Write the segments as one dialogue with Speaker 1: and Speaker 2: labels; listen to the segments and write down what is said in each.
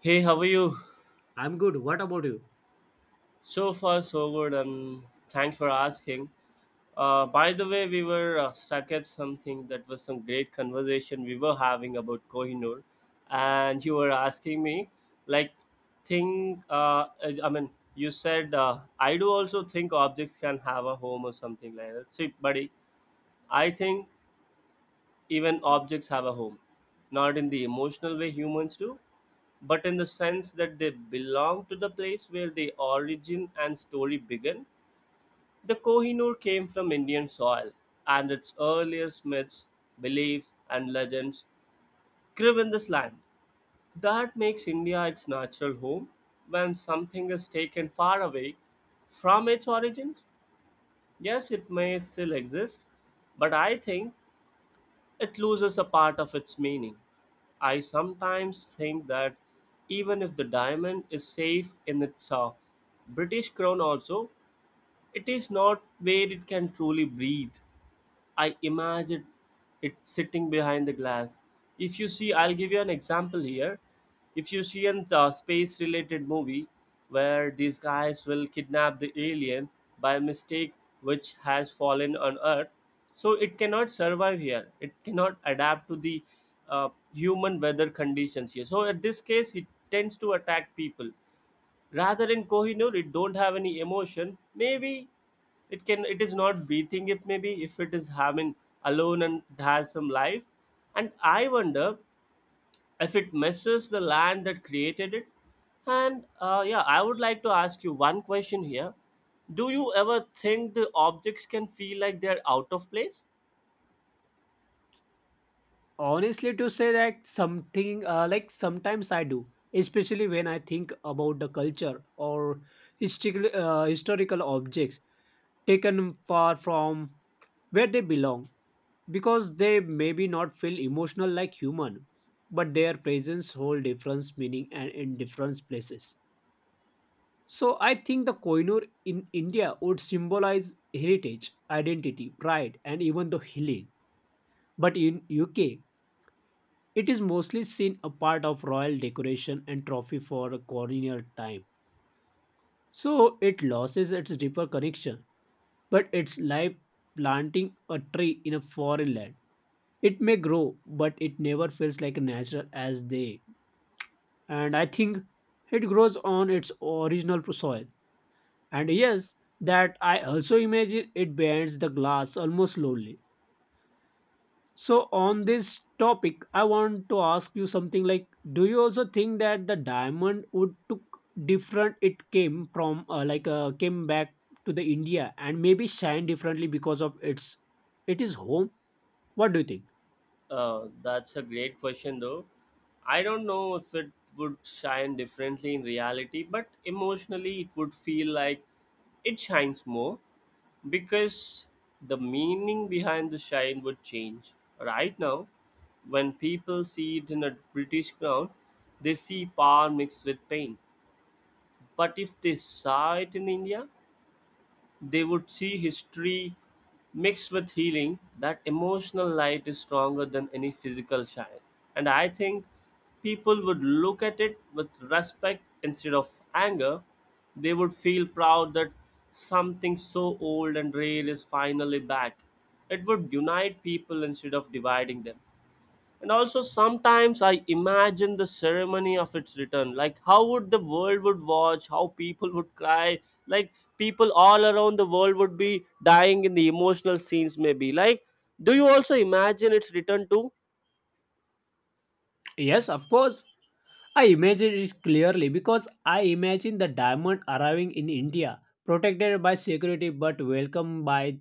Speaker 1: Hey, how are you?
Speaker 2: I'm good. What about you?
Speaker 1: So far, so good, and thanks for asking. By the way, we were stuck at something that was some great conversation we were having about Kohinoor, and you were asking me, like, think. I mean, you said I do also think objects can have a home or something like that. See, buddy, I think even objects have a home, not in the emotional way humans do, but in the sense that they belong to the place where the origin and story began. The Kohinoor came from Indian soil, and its earliest myths, beliefs, and legends grew in this land. That makes India its natural home. When something is taken far away from its origins, yes, it may still exist, but I think it loses a part of its meaning. I sometimes think that even if the diamond is safe in its British crown, also, it is not where it can truly breathe. I imagine it sitting behind the glass. If you see, I'll give you an example here. If you see a space related movie where these guys will kidnap the alien by mistake which has fallen on Earth, so it cannot survive here. It cannot adapt to the human weather conditions here. So, in this case, it tends to attack people rather in Kohinoor it don't have any emotion maybe it is not breathing. It maybe if it is having alone and has some life and I wonder if it misses the land that created it and yeah, I would like to ask you one question here. Do you ever think the objects can feel like they're out of place?
Speaker 2: Honestly, to say that something like sometimes I do, especially when I think about the culture or historical objects taken far from where they belong, because they maybe not feel emotional like human, but their presence hold different meaning and in different places. So I think the Koinur in India would symbolize heritage, identity, pride, and even the healing. But in UK, it is mostly seen a part of royal decoration and trophy for colonial time. So it loses its deeper connection, but it's like planting a tree in a foreign land. It may grow, but it never feels like natural as they. And I think it grows on its original soil. And yes, that I also imagine it bends the glass almost slowly. So, on this topic, I want to ask you something like, do you also think that the diamond would took different it came from came back to the India and maybe shine differently because of its it is home? What do you think?
Speaker 1: That's a great question, though. I don't know if it would shine differently in reality, but emotionally, it would feel like it shines more because the meaning behind the shine would change. Right now, when people see it in a British crown, they see power mixed with pain. But if they saw it in India, they would see history mixed with healing. That emotional light is stronger than any physical shine. And I think people would look at it with respect instead of anger. They would feel proud that something so old and rare is finally back. It would unite people instead of dividing them, and also sometimes I imagine the ceremony of its return, like how would the world would watch, how people would cry, like people all around the world would be dying in the emotional scenes, maybe. Like, do you also imagine its return too?
Speaker 2: Yes, of course. I imagine it clearly because I imagine the diamond arriving in India, protected by security but welcomed by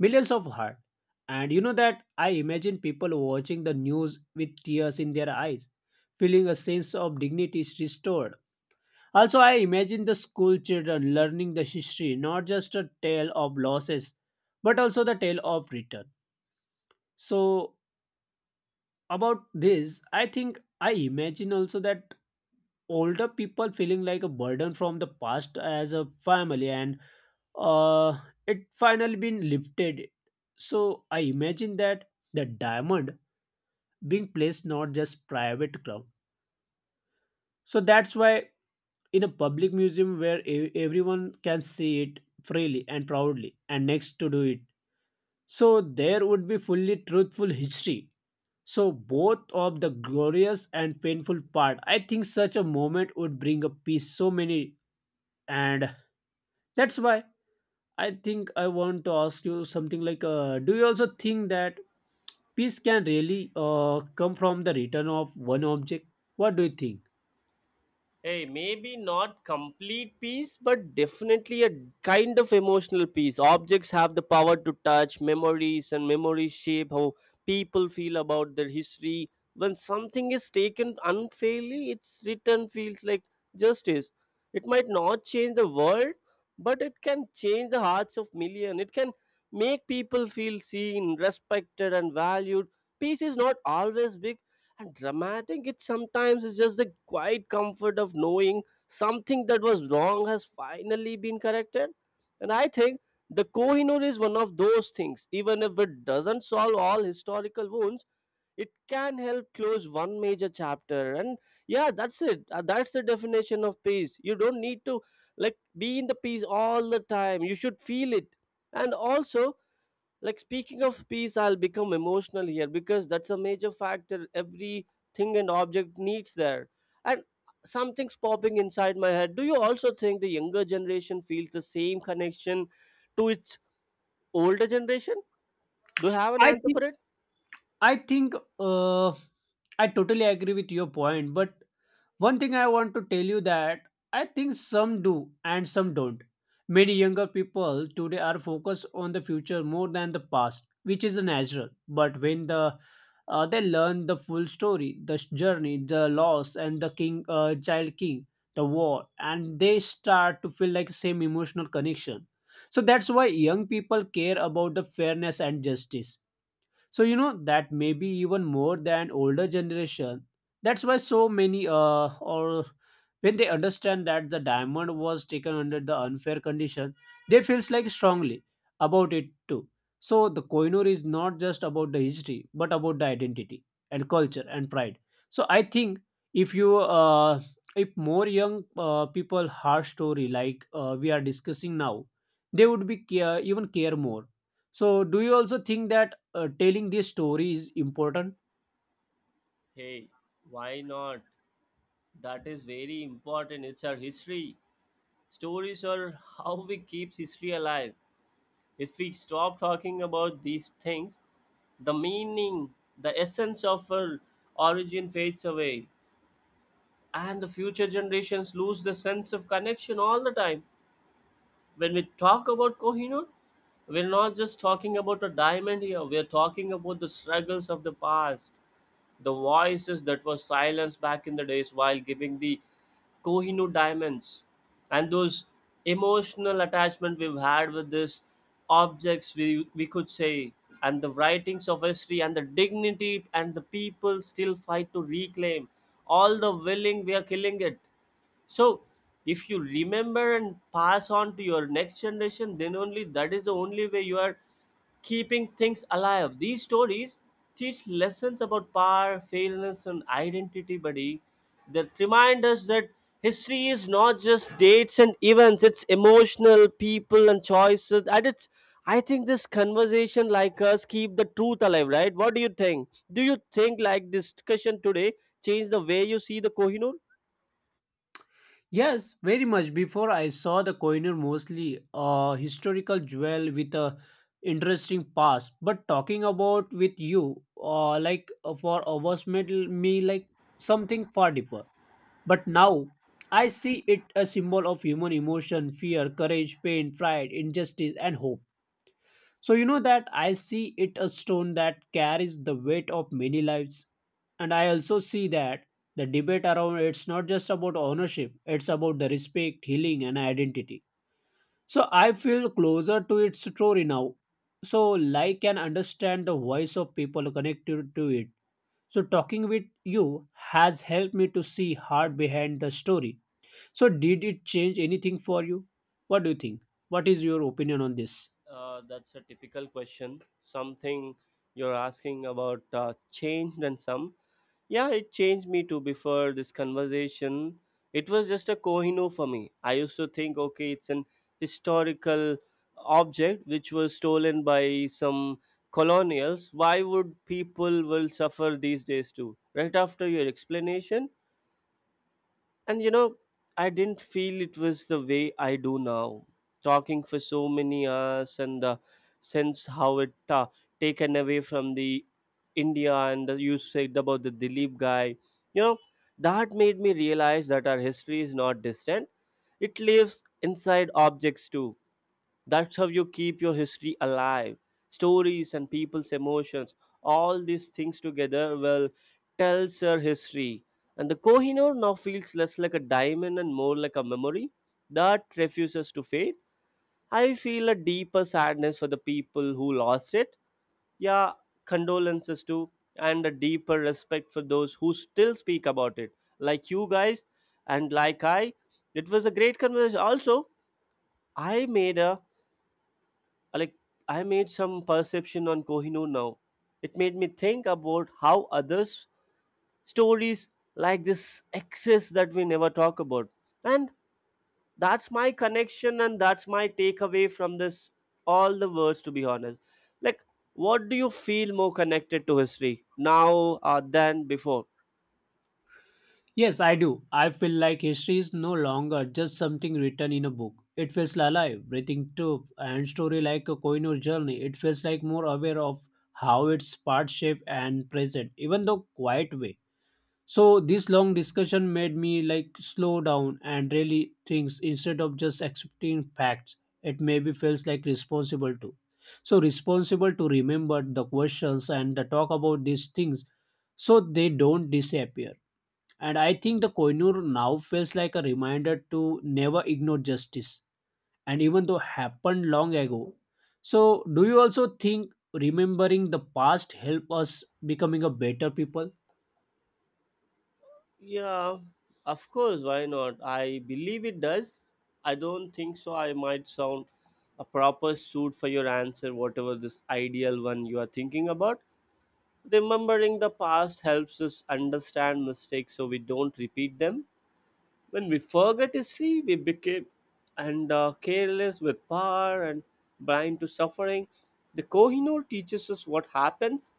Speaker 2: millions of hearts. And you know that I imagine people watching the news with tears in their eyes, feeling a sense of dignity is restored. Also, I imagine the school children learning the history, not just a tale of losses, but also the tale of return. So, about this, I think I imagine also that older people feeling like a burden from the past as a family and uh, it finally been lifted. So I imagine that the diamond being placed not just private ground, so that's why in a public museum where everyone can see it freely and proudly and next to do it, so there would be fully truthful history, so both of the glorious and painful part. I think such a moment would bring a peace so many. And that's why I think I want to ask you something like, do you also think that peace can really come from the return of one object? What do you think?
Speaker 1: Hey, maybe not complete peace, but definitely a kind of emotional peace. Objects have the power to touch memories, and memories shape how people feel about their history. When something is taken unfairly, its return feels like justice. It might not change the world, but it can change the hearts of millions. It can make people feel seen, respected, and valued. Peace is not always big, and dramatic, it sometimes is just the quiet comfort of knowing something that was wrong has finally been corrected. And I think the Kohinoor is one of those things. Even if it doesn't solve all historical wounds, it can help close one major chapter. And yeah, that's it. That's the definition of peace. You don't need to like be in the peace all the time. You should feel it. And also, like speaking of peace, I'll become emotional here because that's a major factor every thing and object needs there. And something's popping inside my head. Do you also think the younger generation feels the same connection to its older generation? Do you have an
Speaker 2: i
Speaker 1: answer
Speaker 2: think
Speaker 1: for it?
Speaker 2: i think uh, I totally agree with your point, but one thing I want to tell you that I think some do and some don't. Many younger people today are focused on the future more than the past, which is natural. But when the they learn the full story, the journey, the loss, and the king, child king, the war, and they start to feel like same emotional connection. So that's why young people care about the fairness and justice. So you know that maybe even more than older generation. That's why so many or when they understand that the diamond was taken under the unfair condition, they feels like strongly about it too. So the koinur is not just about the history but about the identity and culture and pride. So I think if you if more young people heart story like we are discussing now, they would be care, even care more. So do you also think that telling this story is important?
Speaker 1: Hey, why not? That is very important. It's our history. Stories are how we keep history alive. If we stop talking about these things, the meaning, the essence of our origin fades away, and the future generations lose the sense of connection all the time. When we talk about Kohinoor, we're not just talking about a diamond here, we're talking about the struggles of the past, the voices that were silenced back in the days while giving the Kohinoor diamonds, and those emotional attachment we've had with these objects, we could say, and the writings of history and the dignity and the people still fight to reclaim all the willing we are killing it. So if you remember and pass on to your next generation, then only that is the only way you are keeping things alive. These stories teach lessons about power, fairness, and identity, buddy, that remind us that history is not just dates and events, it's emotional people and choices. And it's, I think, this conversation like us keep the truth alive, right? What do you think? Do you think like discussion today change the way you see the Kohinoor?
Speaker 2: Yes, very much. Before I saw the coiner mostly a historical jewel with a interesting past, but talking about with you, for hours made me like something far deeper. But now I see it a symbol of human emotion, fear, courage, pain, pride, injustice, and hope. So, you know that I see it a stone that carries the weight of many lives. And I also see that the debate around it's not just about ownership, it's about the respect, healing, and identity. So, I feel closer to its story now. So, I can understand the voice of people connected to it. So, talking with you has helped me to see heart behind the story. So, did it change anything for you? What do you think? What is your opinion on this?
Speaker 1: That's a typical question. Something you're asking about changed and some. Yeah, it changed me too. Before this conversation, it was just a Kohino for me. I used to think, okay, it's an historical object which was stolen by some colonials. Why would people will suffer these days too? Right after your explanation, and you know, I didn't feel it was the way I do now. Talking for so many hours and since how it taken away from the India and the, you said about the Dilip guy, you know, that made me realize that our history is not distant. It lives inside objects too. That's how you keep your history alive. Stories and people's emotions, all these things together will tell your history. And the Kohinoor now feels less like a diamond and more like a memory that refuses to fade. I feel a deeper sadness for the people who lost it. Yeah, condolences too, and a deeper respect for those who still speak about it, like you guys and like I. It was a great conversation. Also, I made a, like, I made some perception on Kohinoor now. It made me think about how others stories like this exist that we never talk about. And that's my connection and that's my takeaway from this, all the words, to be honest. Like, what do you feel more connected to history now than before?
Speaker 2: Yes, I do. I feel like history is no longer just something written in a book. It feels alive, breathing too, and story like a coin journey. It feels like more aware of how its part shape and present, even though quiet way. So this long discussion made me like slow down and really things instead of just accepting facts. It maybe feels like responsible too. So responsible to remember the questions and the talk about these things so they don't disappear. And I think the Koinur now feels like a reminder to never ignore justice, and even though happened long ago. So, do you also think remembering the past help us becoming a better people?
Speaker 1: Yeah, of course, why not? I believe it does. I don't think so. I might sound a proper suit for your answer, whatever this ideal one you are thinking about. Remembering the past helps us understand mistakes so we don't repeat them. When we forget history, we became and careless with power and blind to suffering. The Kohinoor teaches us what happens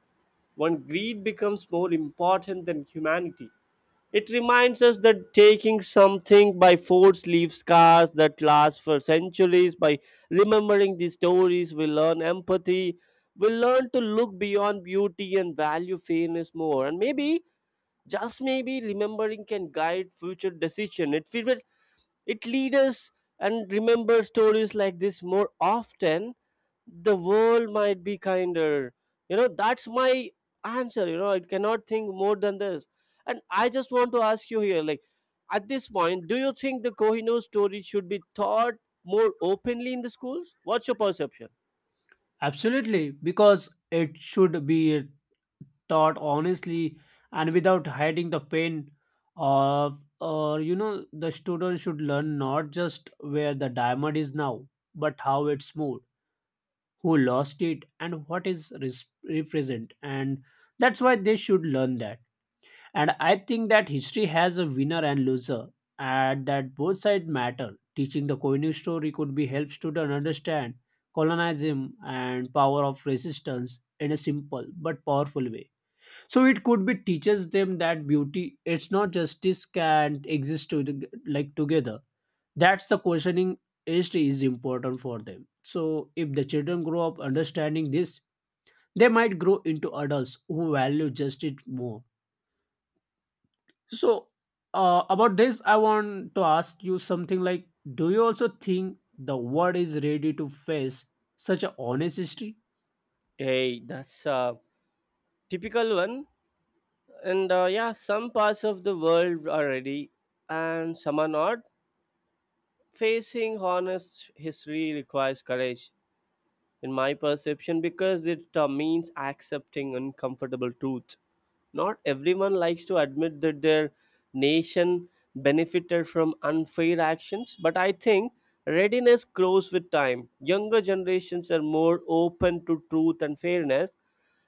Speaker 1: when greed becomes more important than humanity. It reminds us that taking something by force leaves scars that last for centuries. By remembering these stories, we learn empathy, we learn to look beyond beauty and value fairness more. And maybe, just maybe, remembering can guide future decision. It feels it leads us and remember stories like this more often. The world might be kinder. You know, that's my answer. You know, I cannot think more than this. And I just want to ask you here, like, at this point, do you think the Kohinoor story should be taught more openly in the schools? What's your perception?
Speaker 2: Absolutely, because it should be taught honestly and without hiding the pain of, or you know the student should learn not just where the diamond is now, but how it's moved, who lost it and what is represent, and that's why they should learn that. And I think that history has a winner and loser, and that both sides matter. Teaching the Koenig story could be help students understand colonialism and power of resistance in a simple but powerful way. So it could be teaches them that beauty it's not justice can exist to the, like, together. That's the questioning age is important for them. So if the children grow up understanding this, they might grow into adults who value justice more. So, about this I want to ask you something like, do you also think the world is ready to face such a honest history?
Speaker 1: Hey, that's a typical one. And yeah, some parts of the world are ready and some are not. Facing honest history requires courage, in my perception, because it means accepting uncomfortable truths. Not everyone likes to admit that their nation benefited from unfair actions, but I think readiness grows with time. Younger generations are more open to truth and fairness,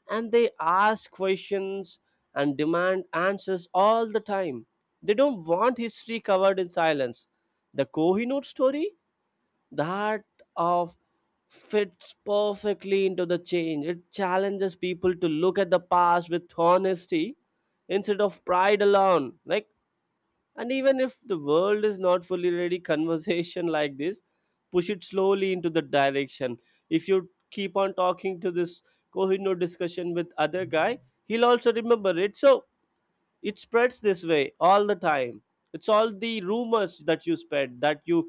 Speaker 1: and they ask questions and demand answers all the time. They don't want history covered in silence. The Kohinoor story, that of, fits perfectly into the change. It challenges people to look at the past with honesty instead of pride alone. Like, and even if the world is not fully ready, conversation like this push it slowly into the direction. If you keep on talking to this Kohinoor discussion with other guy, he'll also remember it. So it spreads this way all the time, it's all the rumors that you spread that you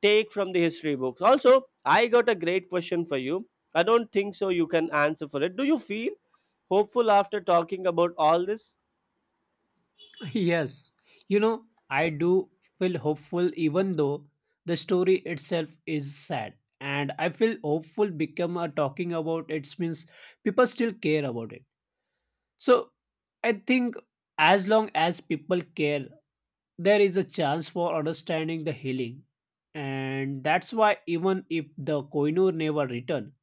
Speaker 1: take from the history books. Also, I got a great question for you. I don't think so you can answer for it. Do you feel hopeful after talking about all this?
Speaker 2: Yes. You know, I do feel hopeful even though the story itself is sad, and I feel hopeful become a talking about it means people still care about it. So I think as long as people care, there is a chance for understanding the healing. And that's why even if the Koinur never returned,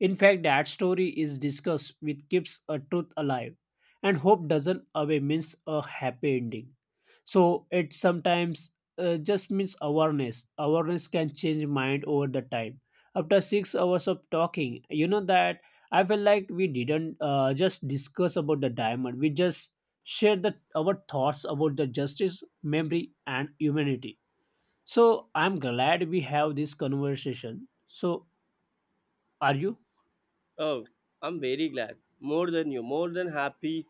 Speaker 2: in fact that story is discussed which keeps a truth alive. And hope doesn't away means a happy ending, so it sometimes just means awareness can change mind over the time. After 6 hours of talking, you know that I feel like we didn't just discuss about the diamond, we just shared the, our thoughts about the justice memory and humanity. So I'm glad we have this conversation. So are you?
Speaker 1: Oh, I'm very glad, more than you, more than happy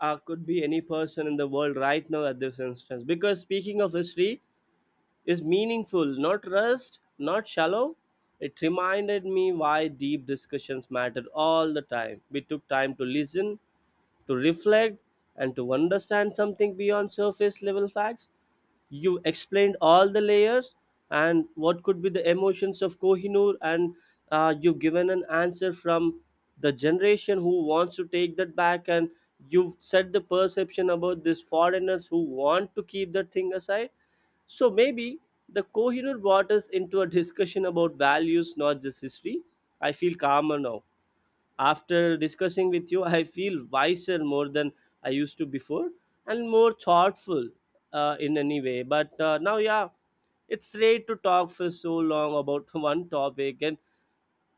Speaker 1: could be any person in the world right now at this instance, because speaking of history is meaningful, not rushed, not shallow. It reminded me why deep discussions mattered all the time. We took time to listen, to reflect, and to understand something beyond surface level facts. You explained all the layers and what could be the emotions of Kohinoor, and you've given an answer from the generation who wants to take that back, and you've set the perception about these foreigners who want to keep that thing aside. So maybe the Kohinoor brought us into a discussion about values, not just history. I feel calmer now. After discussing with you, I feel wiser more than I used to before, and more thoughtful in any way. But now, yeah, it's great to talk for so long about one topic, and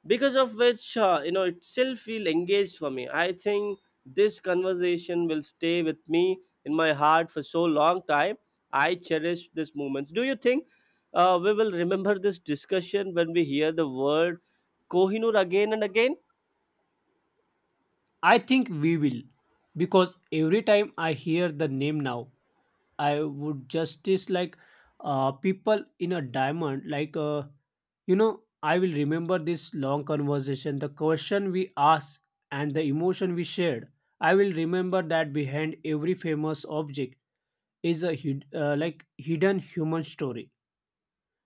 Speaker 1: because of which you know, it still feel engaged for me. I think this conversation will stay with me in my heart for so long time. I cherish these moments. Do you think we will remember this discussion when we hear the word Kohinoor again and again?
Speaker 2: I think we will, because every time I hear the name now I would justice like, people in a diamond. Like, you know, I will remember this long conversation, the question we asked, and the emotion we shared. I will remember that behind every famous object is a hidden human story,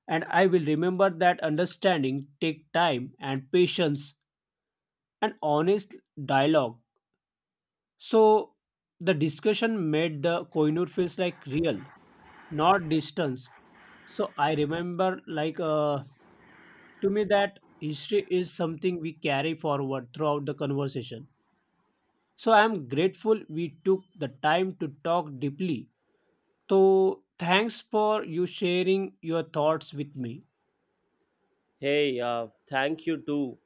Speaker 2: and I will remember that understanding take time and patience and honest dialogue. So the discussion made the Koinur feels like real, not distance. So I remember to me that history is something we carry forward throughout the conversation. So I am grateful we took the time to talk deeply. So thanks for you sharing your thoughts with me.
Speaker 1: Hey, thank you too.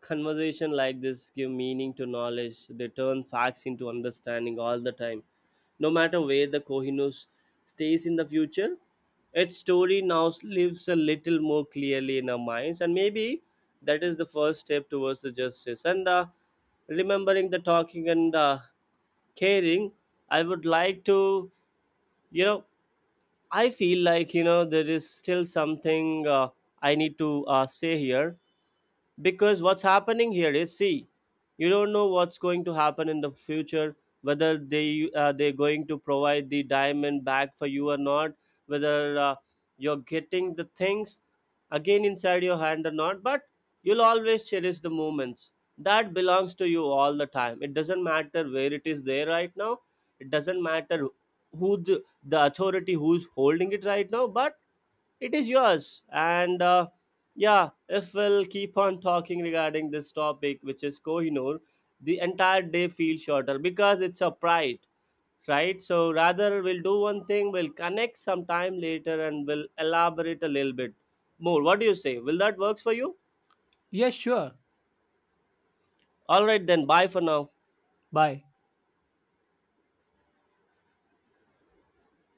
Speaker 1: Conversation like this give meaning to knowledge. They turn facts into understanding all the time. No matter where the Kohinoor stays in the future, its story now lives a little more clearly in our minds, and maybe that is the first step towards the justice. And remembering the talking and caring, I would like to, you know, I feel like, you know, there is still something I need to say here, because what's happening here is, see, you don't know what's going to happen in the future, whether they're going to provide the diamond back for you or not, whether you're getting the things again inside your hand or not. But you'll always cherish the moments that belongs to you all the time. It doesn't matter where it is there right now. It doesn't matter who the authority who's holding it right now, but it is yours. And yeah, if we'll keep on talking regarding this topic, which is Kohinoor, the entire day feels shorter because it's a pride, right? So rather, we'll do one thing, we'll connect sometime later and we'll elaborate a little bit more. What do you say? Will that works for you?
Speaker 2: Yes, sure.
Speaker 1: All right, then. Bye for now.
Speaker 2: Bye.